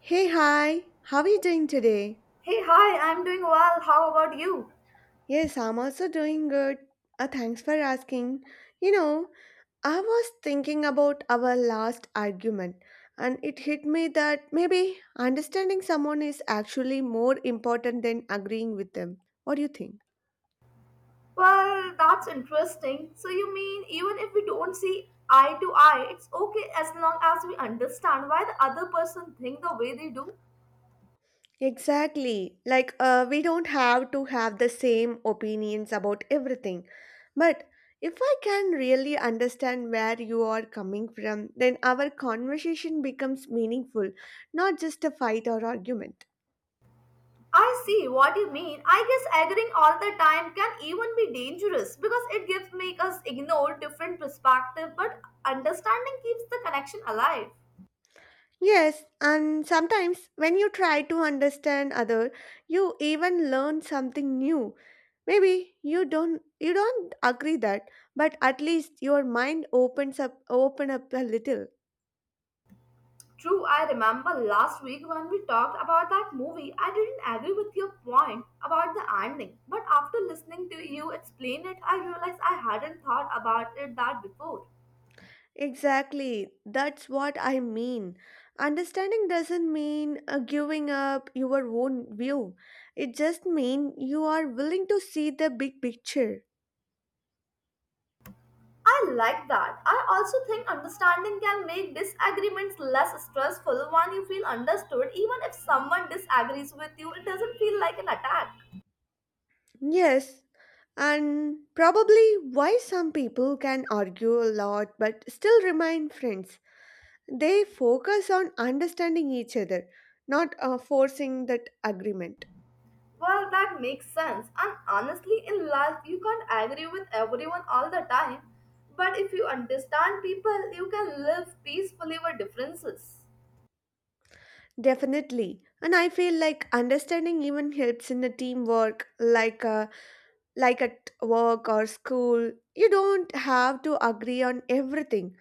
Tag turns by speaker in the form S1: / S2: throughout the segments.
S1: Hey, hi, how are you doing today?
S2: Hey, hi, I'm doing well. How about you?
S1: Yes, I'm also doing good. Thanks for asking. You know, I was thinking about our last argument, and it hit me that maybe understanding someone is actually more important than agreeing with them. What do you think?
S2: Well, that's interesting. So, you mean even if we don't see eye to eye, it's okay as long as we understand why the other person think the way they do?
S1: Exactly. Like, we don't have to have the same opinions about everything. But if I can really understand where you are coming from, then our conversation becomes meaningful, not just a fight or argument.
S2: I see what you mean. I guess agreeing all the time can even be dangerous because it gives make us ignore different perspective, but understanding keeps the connection alive.
S1: Yes, and sometimes when you try to understand other, you even learn something new. Maybe you don't agree that, but at least your mind opens up open up a little.
S2: True, I remember last week when we talked about that movie, I didn't agree with your point about the ending. But after listening to you explain it, I realized I hadn't thought about it that before.
S1: Exactly, that's what I mean. Understanding doesn't mean giving up your own view. It just means you are willing to see the big picture.
S2: I like that. I also think understanding can make disagreements less stressful when you feel understood. Even if someone disagrees with you, it doesn't feel like an attack.
S1: Yes, and probably why some people can argue a lot but still remain friends. They focus on understanding each other, not forcing that agreement.
S2: Well, that makes sense. And honestly, in life, you can't agree with everyone all the time. But if you understand people, you can live peacefully with differences.
S1: Definitely. And I feel like understanding even helps in the teamwork, like at work or school, you don't have to agree on everything.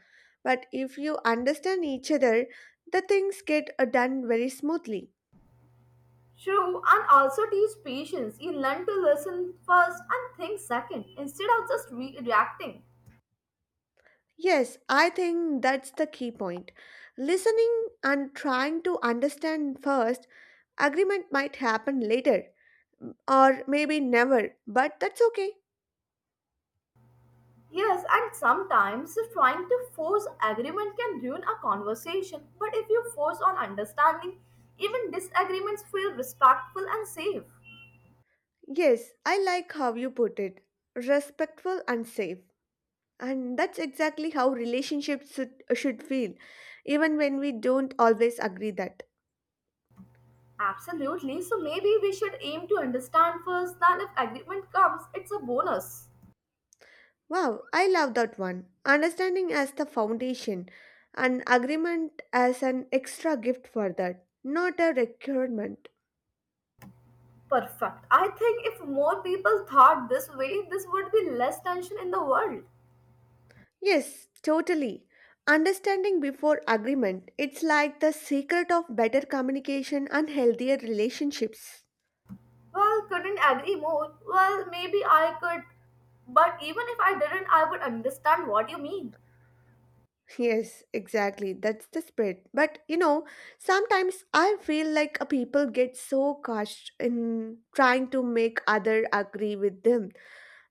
S1: But if you understand each other, the things get done very smoothly.
S2: True, and also teach patience. You learn to listen first and think second instead of just reacting.
S1: Yes, I think that's the key point. Listening and trying to understand first, agreement might happen later or maybe never, but that's okay.
S2: Yes, and sometimes trying to force agreement can ruin a conversation. But if you force on understanding, even disagreements feel respectful and safe.
S1: Yes, I like how you put it respectful and safe. And that's exactly how relationships should feel, even when we don't always agree that.
S2: Absolutely. So maybe we should aim to understand first that if agreement comes, it's a bonus.
S1: Wow, I love that one. Understanding as the foundation, and agreement as an extra gift for that, not a requirement.
S2: Perfect. I think if more people thought this way, this would be less tension in the world.
S1: Yes, totally. Understanding before agreement, it's like the secret of better communication and healthier relationships.
S2: Well, couldn't agree more. Well, maybe I could. But even if I didn't, I would understand what you mean.
S1: Yes, exactly. That's the spirit. But you know, sometimes I feel like a people get so caught in trying to make other agree with them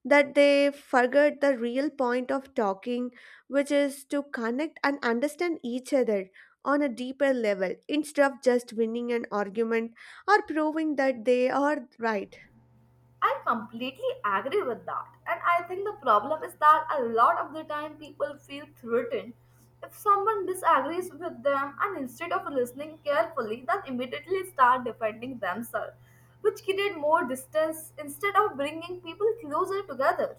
S1: that they forget the real point of talking, which is to connect and understand each other on a deeper level instead of just winning an argument or proving that they are right.
S2: I completely agree with that. And I think the problem is that a lot of the time people feel threatened if someone disagrees with them and instead of listening carefully, they immediately start defending themselves, which create more distance instead of bringing people closer together.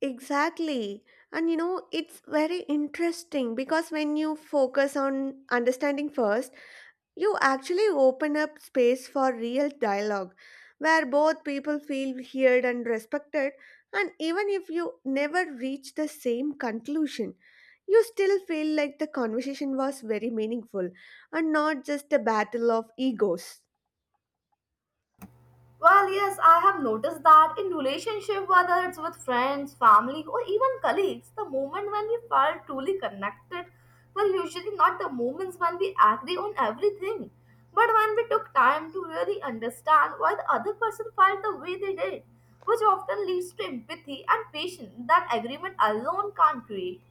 S1: Exactly. And you know, it's very interesting because when you focus on understanding first, you actually open up space for real dialogue where both people feel heard and respected, and even if you never reach the same conclusion, you still feel like the conversation was very meaningful and not just a battle of egos.
S2: Well, yes, I have noticed that in relationship, whether it's with friends, family, or even colleagues, the moment when we felt truly connected were usually not the moments when we agree on everything, but when we took time to really understand why the other person felt the way they did, which often leads to empathy and patience that agreement alone can't create.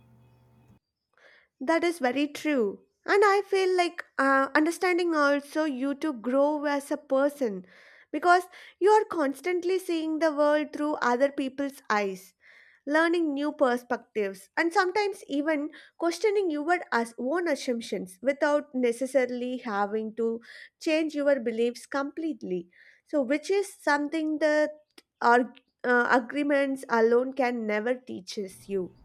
S1: That is very true. And I feel like understanding also you to grow as a person because you are constantly seeing the world through other people's eyes learning new perspectives, and sometimes even questioning own assumptions without necessarily having to change your beliefs completely. So, which is something that our agreements alone can never teaches you.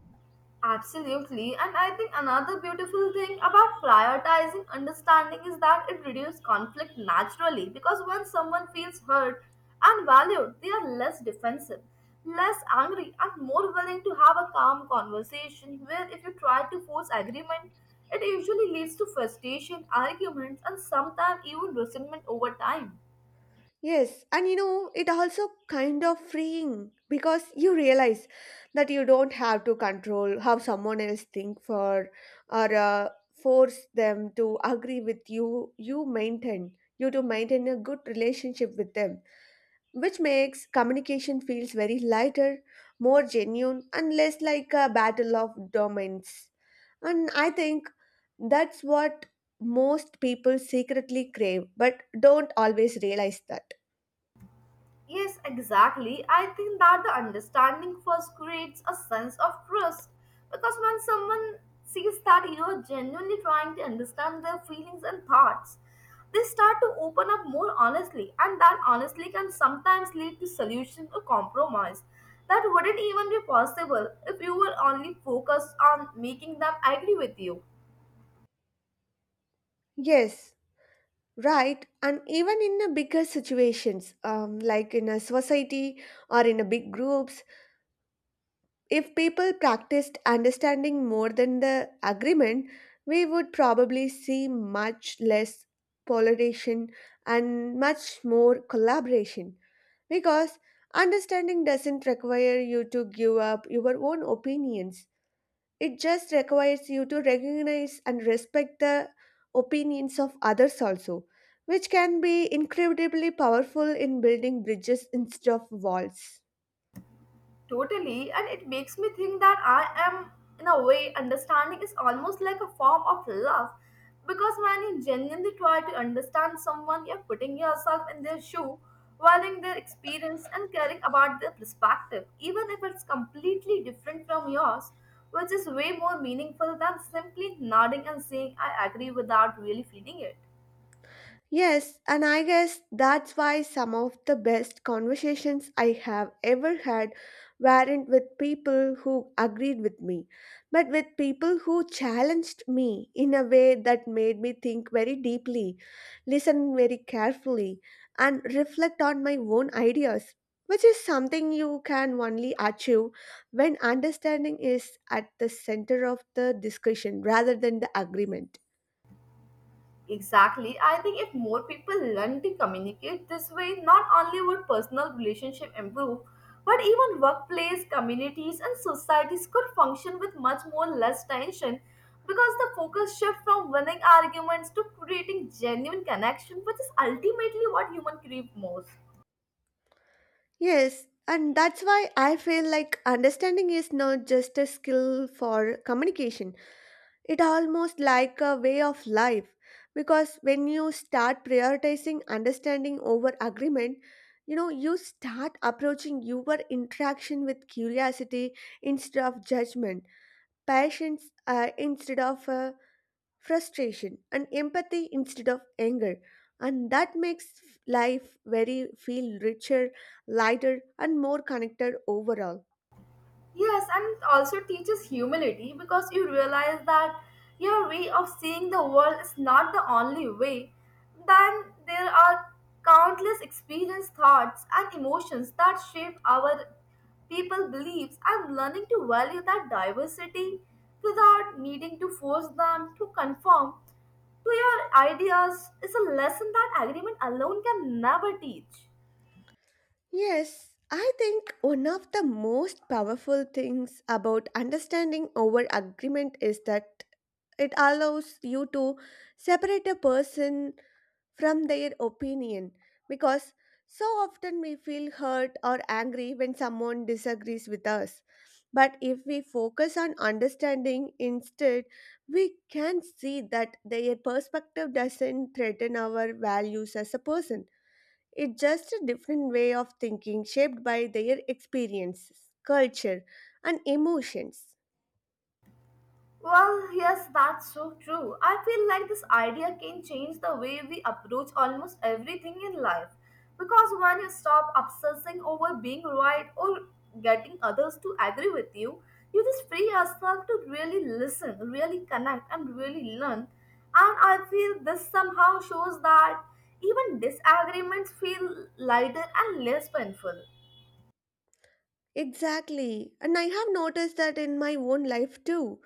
S2: Absolutely. And I think another beautiful thing about prioritizing understanding is that it reduces conflict naturally because when someone feels hurt and valued, they are less defensive, less angry, and more willing to have a calm conversation. Where if you try to force agreement, it usually leads to frustration, arguments, and sometimes even resentment over time.
S1: Yes, and you know, it also kind of freeing because you realize that you don't have to control how someone else think for or force them to agree with you. You maintain you to maintain a good relationship with them, which makes communication feels very lighter, more genuine, and less like a battle of domains. And I think that's what most people secretly crave, but don't always realize that.
S2: Yes, exactly. I think that the understanding first creates a sense of trust because when someone sees that you are genuinely trying to understand their feelings and thoughts, they start to open up more honestly, and that honestly can sometimes lead to solution or compromise that wouldn't even be possible if you were only focused on making them agree with you.
S1: Yes, right. And even in the bigger situations, like in a society or in a big groups, if people practiced understanding more than the agreement, we would probably see much less polarization and much more collaboration. Because understanding doesn't require you to give up your own opinions. It just requires you to recognize and respect the opinions of others also, which can be incredibly powerful in building bridges instead of walls.
S2: Totally, and it makes me think that I am, in a way, understanding is almost like a form of love. Because when you genuinely try to understand someone, you're putting yourself in their shoe, valuing their experience, and caring about their perspective, even if it's completely different from yours, which is way more meaningful than simply nodding and saying, I agree without really feeling it.
S1: Yes, and I guess that's why some of the best conversations I have ever had weren't with people who agreed with me, but with people who challenged me in a way that made me think very deeply, listen very carefully, and reflect on my own ideas, which is something you can only achieve when understanding is at the center of the discussion rather than the agreement.
S2: Exactly. I think if more people learn to communicate this way, not only would personal relationship improve, but even workplace, communities, and societies could function with much more less tension because the focus shift from winning arguments to creating genuine connection, which is ultimately what human crave most.
S1: Yes, and that's why I feel like understanding is not just a skill for communication. It almost like a way of life because when you start prioritizing understanding over agreement, you know, you start approaching your interaction with curiosity instead of judgment, patience instead of frustration and empathy instead of anger and that makes life very feel richer lighter and more connected overall.
S2: Yes, and it also teaches humility because you realize that your way of seeing the world is not the only way. Then there are countless experience, thoughts, and emotions that shape our people beliefs and learning to value that diversity without needing to force them to conform to your ideas is a lesson that agreement alone can never teach.
S1: Yes, I think one of the most powerful things about understanding over agreement is that it allows you to separate a person from their opinion because so often we feel hurt or angry when someone disagrees with us. But if we focus on understanding instead, we can see that their perspective doesn't threaten our values as a person. It's just a different way of thinking shaped by their experiences, culture, and emotions.
S2: Well, yes, that's so true. I feel like this idea can change the way we approach almost everything in life. Because when you stop obsessing over being right or getting others to agree with you, you just free yourself to really listen, really connect, and really learn. And I feel this somehow shows that even disagreements feel lighter and less painful.
S1: Exactly. And I have noticed that in my own life too.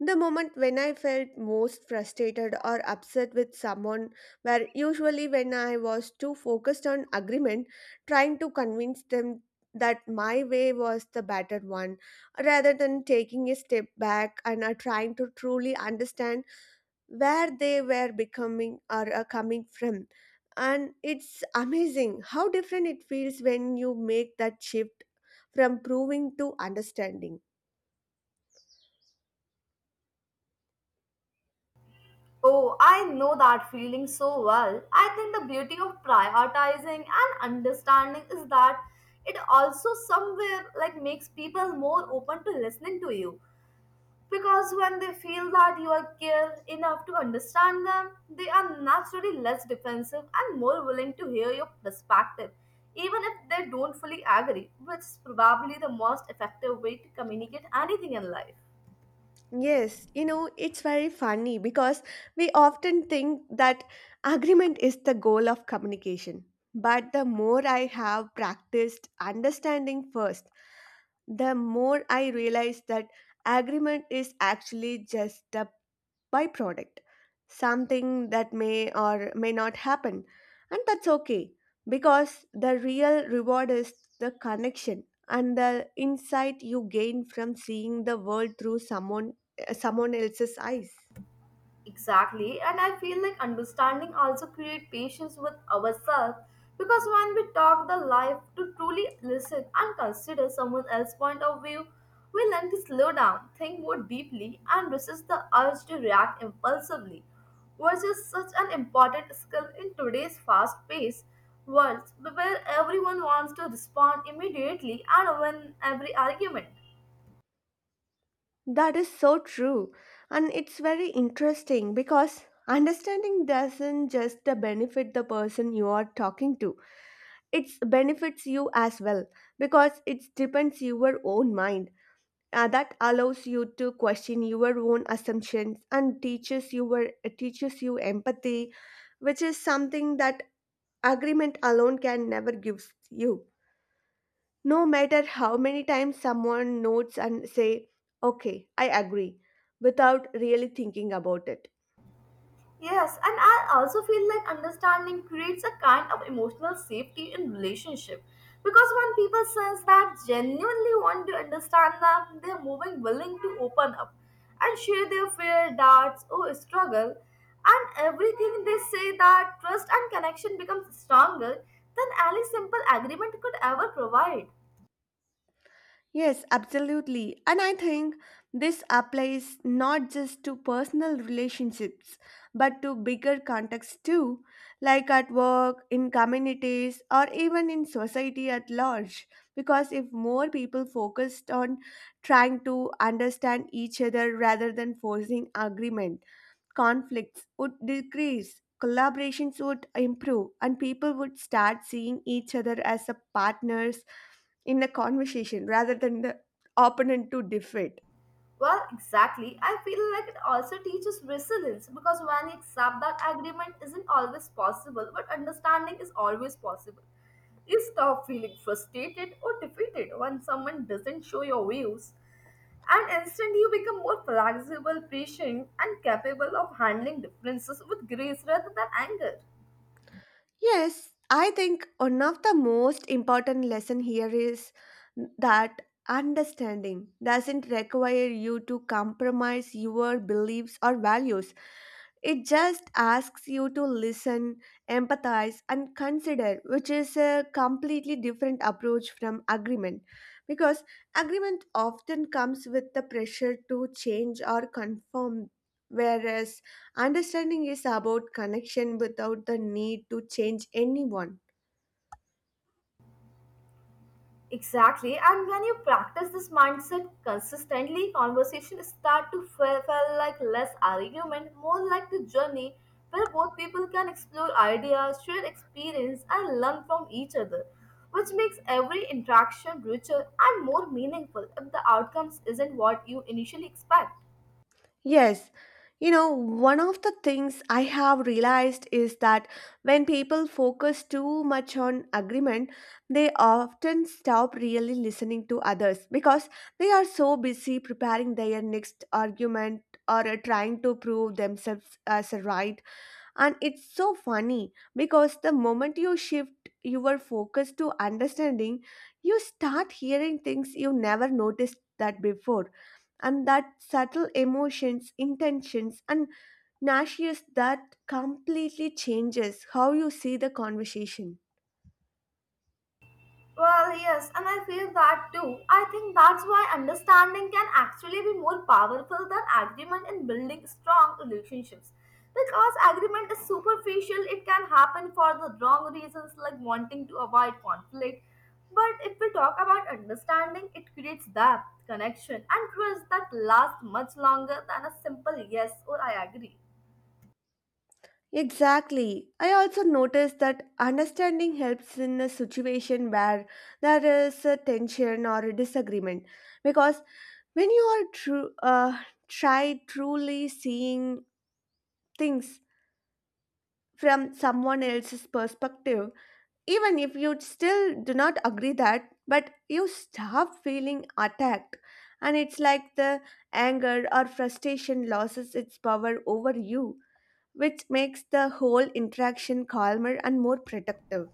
S1: The moment when I felt most frustrated or upset with someone were usually when I was too focused on agreement, trying to convince them that my way was the better one, rather than taking a step back and trying to truly understand where they were becoming or coming from. And it's amazing how different it feels when you make that shift from proving to understanding.
S2: Oh, I know that feeling so well. I think the beauty of prioritizing and understanding is that it also somewhere like makes people more open to listening to you because when they feel that you are care enough to understand them, they are naturally less defensive and more willing to hear your perspective even if they don't fully agree, which is probably the most effective way to communicate anything in life.
S1: Yes, you know, it's very funny because we often think that agreement is the goal of communication. But the more I have practiced understanding first, the more I realize that agreement is actually just a byproduct, something that may or may not happen. And that's okay because the real reward is the connection and the insight you gain from seeing the world through someone else's eyes.
S2: Exactly, and I feel like understanding also create patience with ourselves because when we talk the life to truly listen and consider someone else's point of view, we learn to slow down, think more deeply, and resist the urge to react impulsively, which is such an important skill in today's fast-paced world where everyone wants to respond immediately and win every argument.
S1: That is so true. And it's very interesting because understanding doesn't just benefit the person you are talking to, it benefits you as well because it depends your own mind. That allows you to question your own assumptions and teaches you empathy, which is something that agreement alone can never give you. No matter how many times someone notes and say, "Okay, I agree," without really thinking about it.
S2: Yes, and I also feel like understanding creates a kind of emotional safety in relationship because when people sense that genuinely want to understand them, they're moving willing to open up and share their fear, doubts, or struggle, and everything they say that trust and connection becomes stronger than any simple agreement could ever provide.
S1: Yes, absolutely. And I think this applies not just to personal relationships, but to bigger contexts too, like at work, in communities, or even in society at large. Because if more people focused on trying to understand each other rather than forcing agreement, conflicts would decrease, collaborations would improve, and people would start seeing each other as a partners in the conversation rather than the opponent to defeat.
S2: Well, exactly. I feel like it also teaches resilience because when you accept that agreement isn't always possible, but understanding is always possible, you stop feeling frustrated or defeated when someone doesn't show your views. And instead, you become more flexible, patient, and capable of handling differences with grace rather than anger.
S1: Yes, I think one of the most important lesson here is that understanding doesn't require you to compromise your beliefs or values. It just asks you to listen, empathize and consider, which is a completely different approach from agreement because agreement often comes with the pressure to change or conform whereas understanding is about connection without the need to change anyone.
S2: Exactly. And when you practice this mindset consistently, conversations start to feel like less argument, more like the journey where both people can explore ideas, share experience, and learn from each other, which makes every interaction richer and more meaningful if the outcomes isn't what you initially expect.
S1: Yes, you know, one of the things I have realized is that when people focus too much on agreement, they often stop really listening to others because they are so busy preparing their next argument or trying to prove themselves as right. And it's so funny because the moment you shift your focus to understanding, you start hearing things you never noticed that before. And that subtle emotions, intentions, and nauseous that completely changes how you see the conversation.
S2: Well, yes, and I feel that too. I think that's why understanding can actually be more powerful than agreement in building strong relationships. Because agreement is superficial, it can happen for the wrong reasons like wanting to avoid conflict. But if we talk about understanding, it creates depth, connection, and trust that lasts much longer than a simple yes or I agree.
S1: Exactly. I also noticed that understanding helps in a situation where there is a tension or a disagreement because when you are true, try truly seeing things from someone else's perspective, even if you still do not agree that, but you stop feeling attacked, and it's like the anger or frustration loses its power over you, which makes the whole interaction calmer and more productive.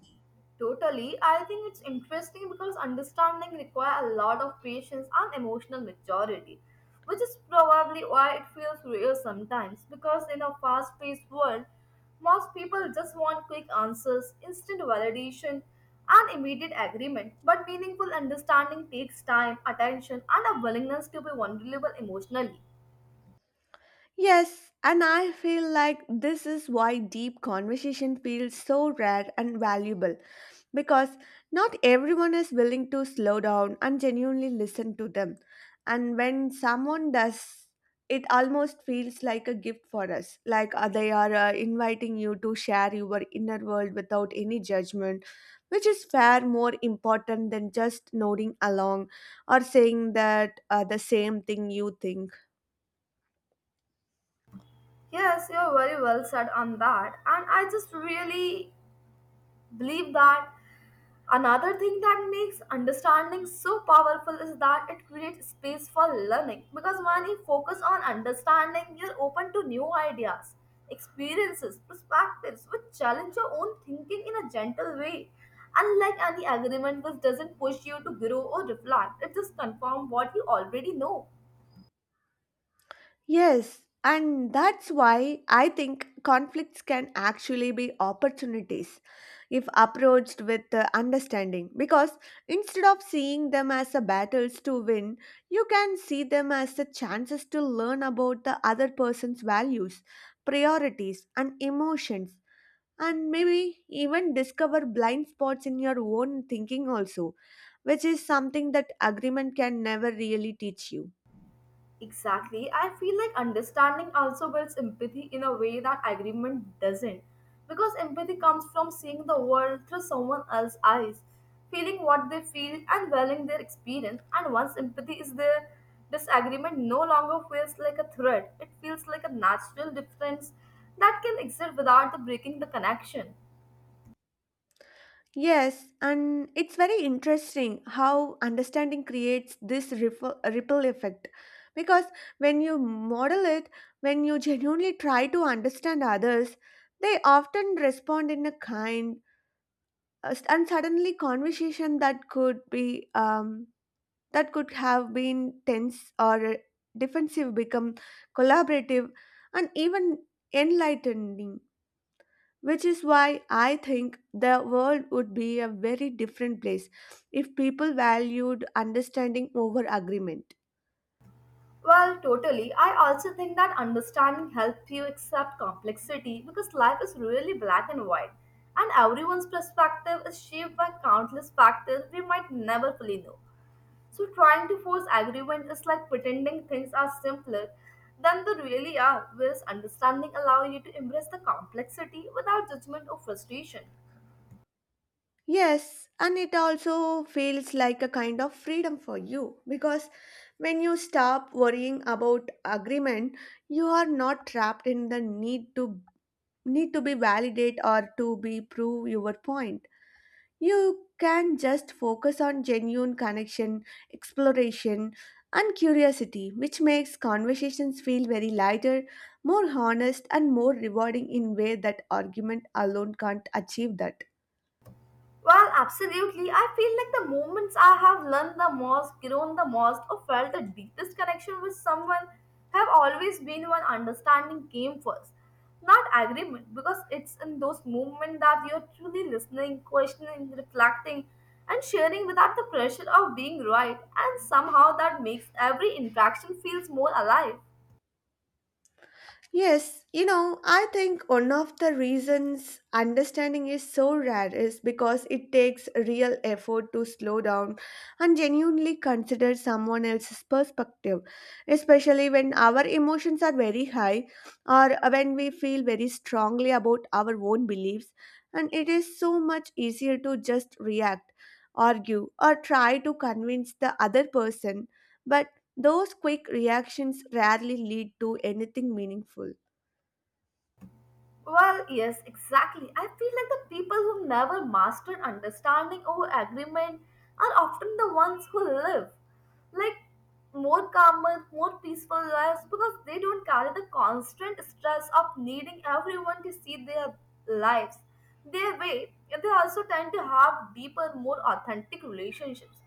S2: Totally. I think it's interesting because understanding requires a lot of patience and emotional maturity, which is probably why it feels real sometimes. Because in a fast paced world, most people just want quick answers, instant validation, and immediate agreement. But meaningful understanding takes time, attention, and a willingness to be vulnerable emotionally.
S1: Yes, and I feel like this is why deep conversation feels so rare and valuable because not everyone is willing to slow down and genuinely listen to them. And when someone does, it almost feels like a gift for us, like they are inviting you to share your inner world without any judgment, which is far more important than just nodding along or saying that the same thing you think.
S2: Yes, you're very well said on that. And I just really believe that another thing that makes understanding so powerful is that it creates space for learning because when you focus on understanding, you're open to new ideas, experiences, perspectives which challenge your own thinking in a gentle way. Unlike any agreement which doesn't push you to grow or reflect, it just confirms what you already know.
S1: Yes, and that's why I think conflicts can actually be opportunities if approached with understanding. Because instead of seeing them as a battles to win, you can see them as the chances to learn about the other person's values, priorities, and emotions. And maybe even discover blind spots in your own thinking, also, which is something that agreement can never really teach you.
S2: Exactly. I feel like understanding also builds empathy in a way that agreement doesn't. Because empathy comes from seeing the world through someone else's eyes, feeling what they feel and valuing their experience. And once empathy is there, disagreement no longer feels like a threat. It feels like a natural difference that can exist without the breaking the connection.
S1: Yes, and it's very interesting how understanding creates this ripple effect. Because when you model it, when you genuinely try to understand others, they often respond in a kind and suddenly conversation that could have been tense or defensive become collaborative and even enlightening which is why I think the world would be a very different place if people valued understanding over agreement.
S2: Well, totally. I also think that understanding helps you accept complexity because life is really black and white, and everyone's perspective is shaped by countless factors we might never fully know. So, trying to force agreement is like pretending things are simpler than they really are, whereas understanding allows you to embrace the complexity without judgment or frustration.
S1: Yes, and it also feels like a kind of freedom for you because when you stop worrying about agreement, you are not trapped in the need to need to be validate or to be prove your point. You can just focus on genuine connection, exploration, and curiosity, which makes conversations feel very lighter, more honest, and more rewarding in way that argument alone can't achieve that.
S2: Well, absolutely. I feel like the moments I have learned the most, grown the most, or felt the deepest connection with someone have always been when understanding came first, not agreement, because it's in those moments that you're truly listening, questioning, reflecting, and sharing without the pressure of being right, and somehow that makes every interaction feels more alive.
S1: Yes, I think one of the reasons understanding is so rare is because it takes real effort to slow down and genuinely consider someone else's perspective, especially when our emotions are very high or when we feel very strongly about our own beliefs. And it is so much easier to just react, argue, or try to convince the other person. But those quick reactions rarely lead to anything meaningful.
S2: Well, yes, exactly. I feel like the people who never mastered understanding over agreement are often the ones who live like more calmer, more peaceful lives because they don't carry the constant stress of needing everyone to see their lives their way. And they also tend to have deeper, more authentic relationships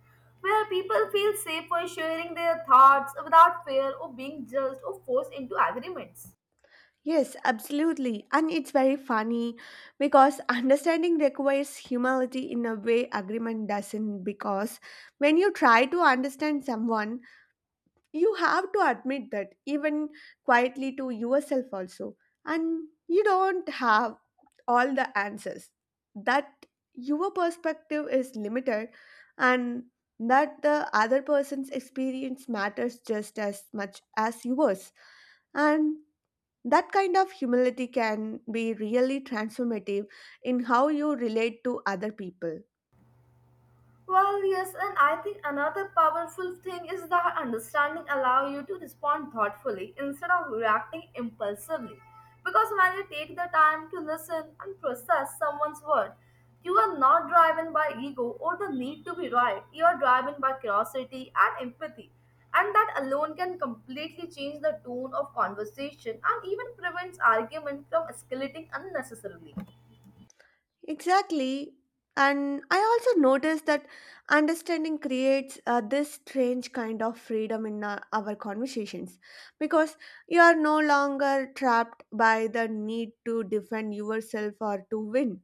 S2: where people feel safe for sharing their thoughts without fear or being judged or forced into agreements.
S1: Yes, absolutely. And it's very funny because understanding requires humility in a way agreement doesn't. Because when you try to understand someone, you have to admit that, even quietly to yourself also, and you don't have all the answers, that your perspective is limited, and that the other person's experience matters just as much as yours, and that kind of humility can be really transformative in how you relate to other people.
S2: Well, yes, and I think another powerful thing is that understanding allow you to respond thoughtfully instead of reacting impulsively. Because when you take the time to listen and process someone's word, you are not driven by ego or the need to be right. You are driven by curiosity and empathy. And that alone can completely change the tone of conversation and even prevents argument from escalating unnecessarily.
S1: Exactly. And I also noticed that understanding creates this strange kind of freedom in our conversations because you are no longer trapped by the need to defend yourself or to win.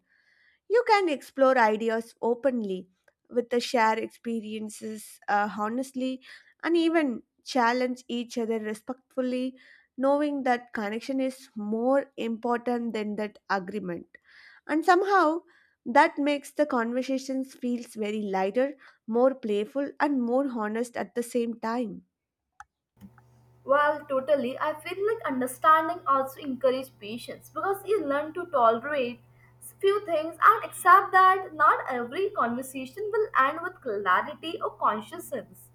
S1: You can explore ideas openly with the share experiences honestly and even challenge each other respectfully, knowing that connection is more important than that agreement. And somehow that makes the conversations feels very lighter, more playful and more honest at the same time.
S2: Well, totally. I feel like understanding also encourages patience because you learn to tolerate few things and accept that not every conversation will end with clarity or consciousness.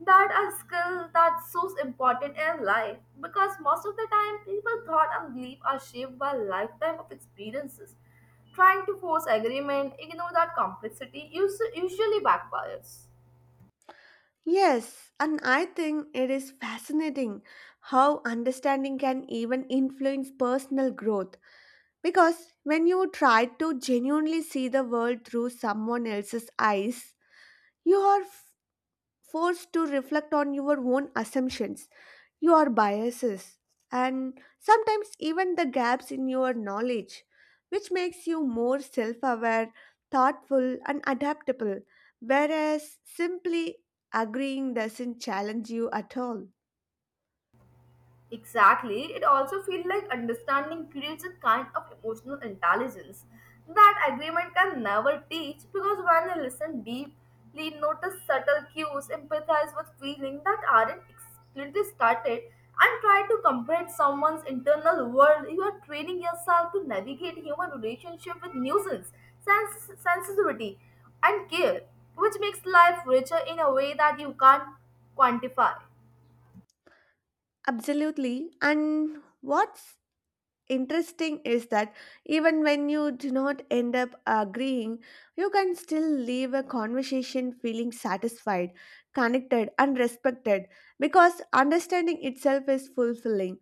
S2: That a skill that's so important in life because most of the time people thought and belief are shaped by lifetime of experiences. Trying to force agreement, ignore that complexity usually backfires.
S1: Yes, and I think it is fascinating how understanding can even influence personal growth. Because when you try to genuinely see the world through someone else's eyes, you are forced to reflect on your own assumptions, your biases, and sometimes even the gaps in your knowledge, which makes you more self aware, thoughtful, and adaptable, whereas simply agreeing doesn't challenge you at all.
S2: Exactly. It also feels like understanding creates a kind of emotional intelligence that agreement can never teach because when you listen deeply, notice subtle cues, empathize with feelings that aren't explicitly stated, and try to comprehend someone's internal world, you are training yourself to navigate human relationship with nuisance, sensitivity, and care, which makes life richer in a way that you can't quantify.
S1: Absolutely. And what's interesting is that even when you do not end up agreeing, you can still leave a conversation feeling satisfied, connected, and respected because understanding itself is fulfilling.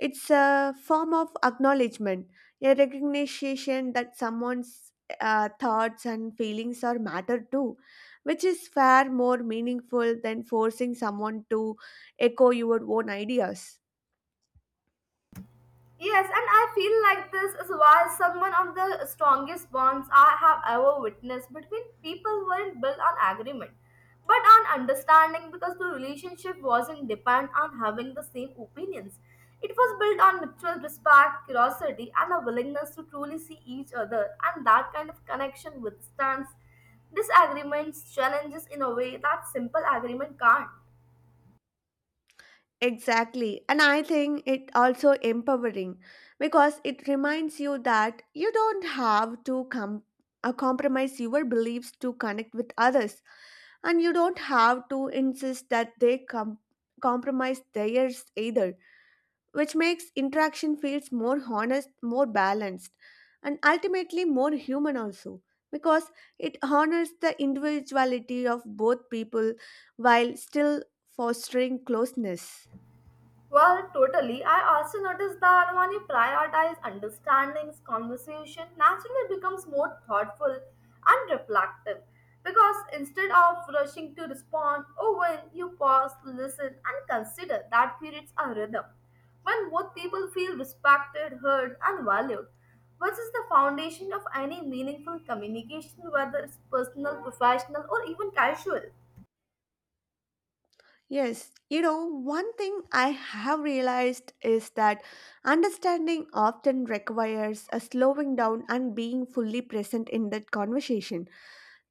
S1: It's a form of acknowledgement, a recognition that someone's thoughts and feelings are matter too, which is far more meaningful than forcing someone to echo your own ideas.
S2: Yes, and I feel like this is why some one of the strongest bonds I have ever witnessed between people weren't built on agreement, but on understanding because the relationship wasn't dependent on having the same opinions. It was built on mutual respect, curiosity, and a willingness to truly see each other, and that kind of connection withstands disagreements, challenges in a way that simple agreement can't.
S1: Exactly. And I think it also empowering because it reminds you that you don't have to compromise your beliefs to connect with others and you don't have to insist that they compromise theirs either, which makes interaction feels more honest, more balanced and ultimately more human also because it honors the individuality of both people while still fostering closeness.
S2: Well, totally. I also noticed that when you prioritize understandings, conversation naturally becomes more thoughtful and reflective. Because instead of rushing to respond, or when you pause, listen, and consider, that creates a rhythm. When both people feel respected, heard, and valued, which is the foundation of any meaningful communication, whether it's personal, professional, or even casual.
S1: Yes, one thing I have realized is that understanding often requires a slowing down and being fully present in that conversation,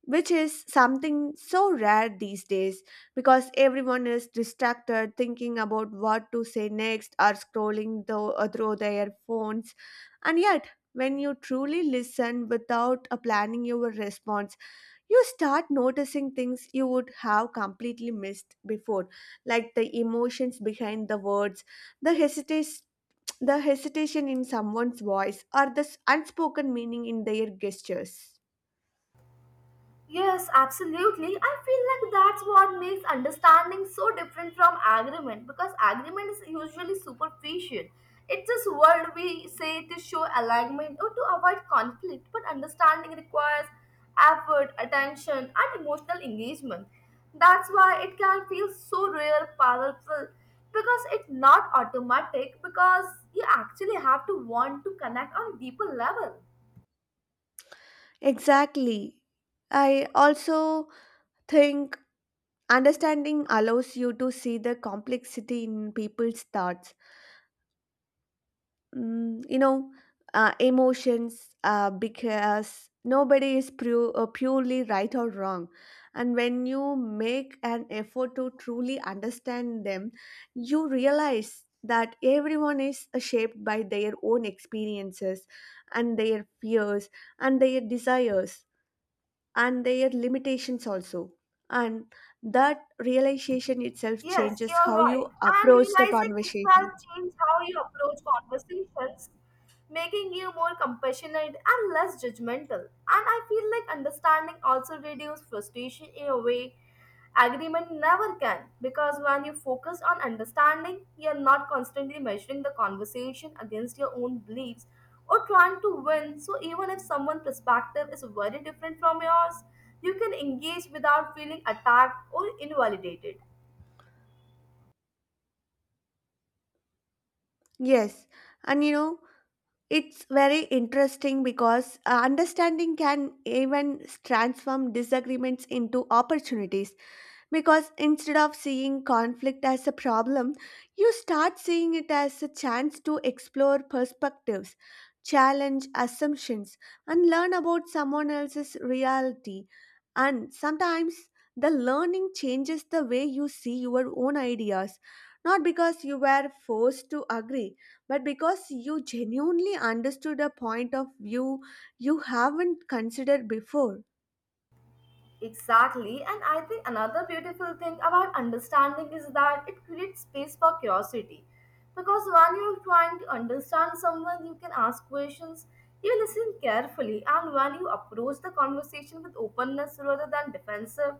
S1: which is something so rare these days because everyone is distracted thinking about what to say next or scrolling through, through their phones. And yet, when you truly listen without planning your response, you start noticing things you would have completely missed before, like the emotions behind the words, the hesitation. The hesitation in someone's voice or the unspoken meaning in their gestures.
S2: Yes, absolutely. I feel like that's what makes understanding so different from agreement because agreement is usually superficial. It's just word we say to show alignment or to avoid conflict, but understanding requires effort, attention, and emotional engagement. That's why it can feel so real, powerful, because it's not automatic, because you actually have to want to connect on a deeper level.
S1: Exactly. I also think understanding allows you to see the complexity in people's thoughts. You know, emotions, because nobody is purely right or wrong. And when you make an effort to truly understand them, you realize that everyone is shaped by their own experiences and their fears and their desires and their limitations also, and that realization itself
S2: Yes,
S1: changes
S2: you're
S1: how
S2: right.
S1: you
S2: And
S1: approach the
S2: realizing itself
S1: conversation.
S2: changes how you approach conversations, making you more compassionate and less judgmental. And I feel like understanding also reduces frustration in a way agreement never can. Because when you focus on understanding, you're not constantly measuring the conversation against your own beliefs or trying to win. So even if someone's perspective is very different from yours, you can engage without feeling attacked or invalidated.
S1: Yes, and you know, it's very interesting because understanding can even transform disagreements into opportunities. Because instead of seeing conflict as a problem, you start seeing it as a chance to explore perspectives, challenge assumptions, and learn about someone else's reality. And sometimes the learning changes the way you see your own ideas, not because you were forced to agree, but because you genuinely understood a point of view you haven't considered before.
S2: Exactly, and I think another beautiful thing about understanding is that it creates space for curiosity. Because when you're trying to understand someone, you can ask questions, you listen carefully, and when you approach the conversation with openness rather than defensive,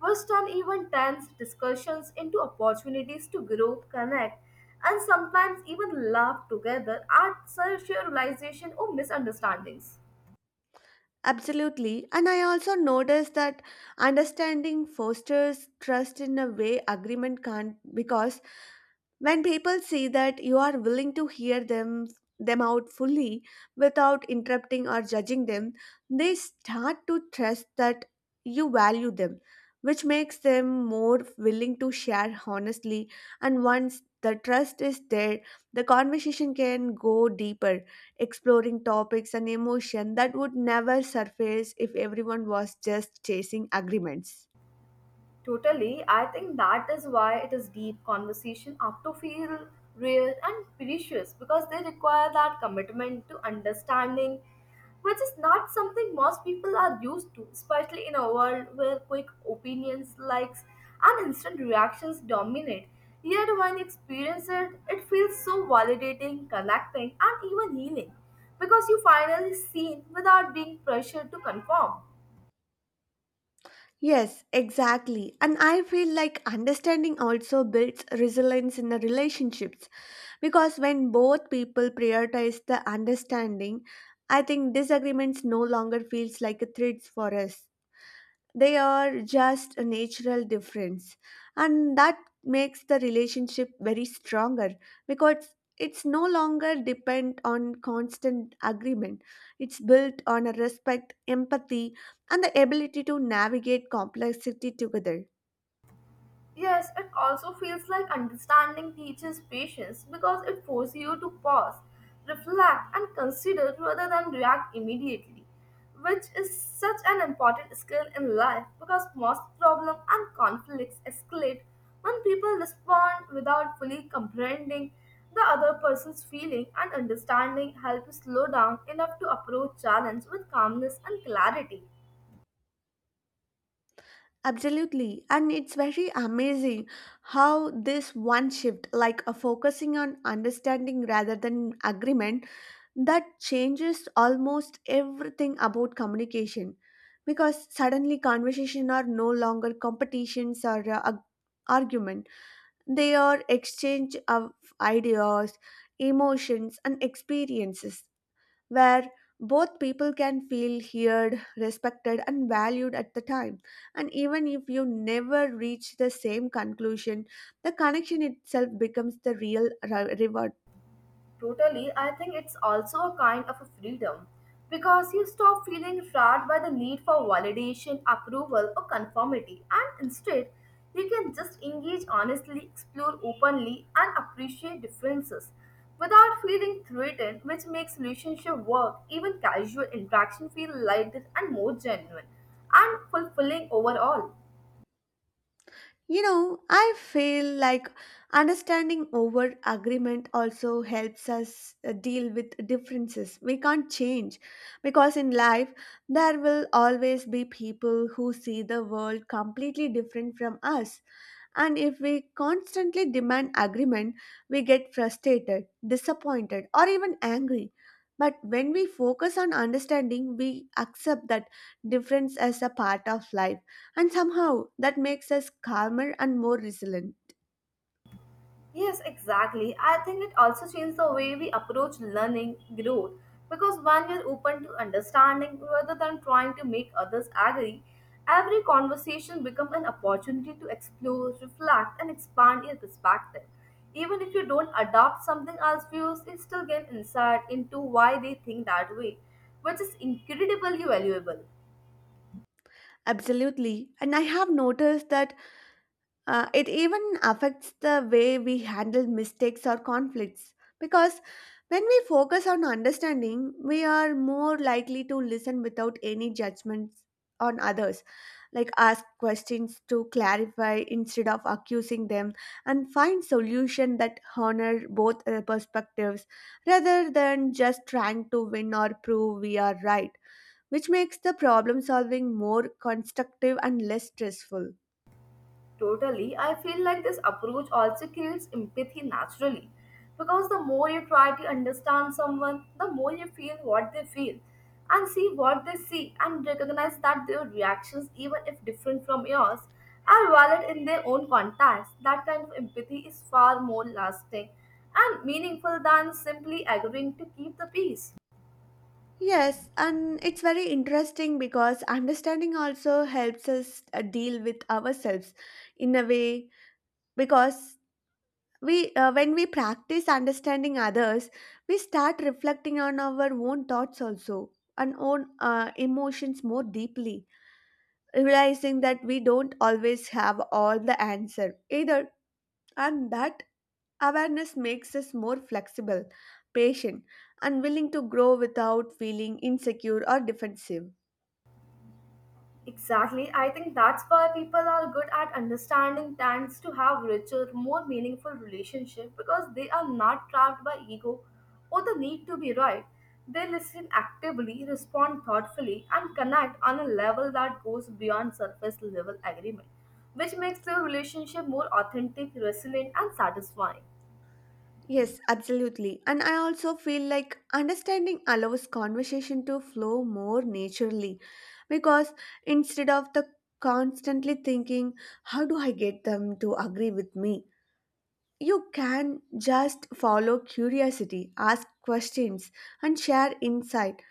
S2: which turn even tense discussions into opportunities to grow, connect, and sometimes even laugh together at such realization or misunderstandings.
S1: Absolutely. And I also noticed that understanding fosters trust in a way agreement can't because when people see that you are willing to hear them out fully without interrupting or judging them, they start to trust that you value them, which makes them more willing to share honestly. And once the trust is there, the conversation can go deeper, exploring topics and emotion that would never surface if everyone was just chasing agreements.
S2: Totally. I think that is why it is deep conversation have to feel real and precious because they require that commitment to understanding, which is not something most people are used to, especially in a world where quick opinions, likes, and instant reactions dominate. Yet when you experience it, it feels so validating, connecting, and even healing because you finally seen without being pressured to conform.
S1: Yes, exactly. And I feel like understanding also builds resilience in the relationships because when both people prioritize the understanding, I think disagreements no longer feels like a threat for us. They are just a natural difference, and that makes the relationship very stronger because it's no longer depend on constant agreement, it's built on a respect empathy and the ability to navigate complexity together.
S2: Yes, it also feels like understanding teaches patience because it forces you to pause, reflect, and consider rather than react immediately, which is such an important skill in life because most problems and conflicts escalate when people respond without fully comprehending the other person's feeling and understanding helps slow down enough to approach challenge with calmness and clarity.
S1: Absolutely, and it's very amazing how this one shift, like a focusing on understanding rather than agreement, that changes almost everything about communication, because suddenly conversation are no longer competitions or argument, they are exchange of ideas, emotions and experiences, where both people can feel heard respected and valued at the time, and even if you never reach the same conclusion, the connection itself becomes the real reward.
S2: Totally, I think it's also a kind of a freedom because you stop feeling trapped by the need for validation, approval, or conformity, and instead, you can just engage honestly, explore openly, and appreciate differences without feeling threatened, which makes relationship work, even casual interaction, feel lighter and more genuine and fulfilling overall.
S1: You know, I feel like understanding over agreement also helps us deal with differences we can't change, because in life there will always be people who see the world completely different from us, and if we constantly demand agreement, we get frustrated, disappointed, or even angry. But when we focus on understanding, we accept that difference as a part of life, and somehow that makes us calmer and more resilient.
S2: Yes, exactly. I think it also changed the way we approach learning growth because when you're open to understanding rather than trying to make others agree, every conversation becomes an opportunity to explore, reflect, and expand your perspective. Even if you don't adopt something else's views, you still gain insight into why they think that way, which is incredibly valuable.
S1: Absolutely. And I have noticed that it even affects the way we handle mistakes or conflicts, because when we focus on understanding, we are more likely to listen without any judgments on others, like ask questions to clarify instead of accusing them, and find solution that honor both perspectives rather than just trying to win or prove we are right, which makes the problem solving more constructive and less stressful.
S2: Totally, I feel like this approach also creates empathy naturally because the more you try to understand someone, the more you feel what they feel and see what they see and recognize that their reactions, even if different from yours, are valid in their own context. That kind of empathy is far more lasting and meaningful than simply agreeing to keep the peace.
S1: Yes, and it's very interesting because understanding also helps us deal with ourselves in a way, because we when we practice understanding others, we start reflecting on our own thoughts also and own emotions more deeply, realizing that we don't always have all the answer either, and that awareness makes us more flexible, patient, and willing to grow without feeling insecure or defensive.
S2: Exactly. I think that's why people are good at understanding tends to have richer, more meaningful relationship because they are not trapped by ego or the need to be right. They listen actively, respond thoughtfully, and connect on a level that goes beyond surface level agreement, which makes the relationship more authentic, resilient, and satisfying.
S1: Yes, absolutely. And I also feel like understanding allows conversation to flow more naturally because instead of the constantly thinking, how do I get them to agree with me? You can just follow curiosity, ask questions, and share insight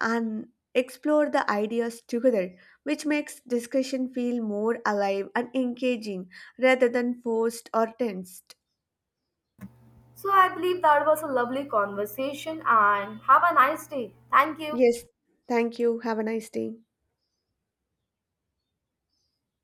S1: and explore the ideas together, which makes discussion feel more alive and engaging rather than forced or tensed.
S2: So I believe that was a lovely conversation and have a nice day. Thank you.
S1: Yes, thank you. Have a nice day.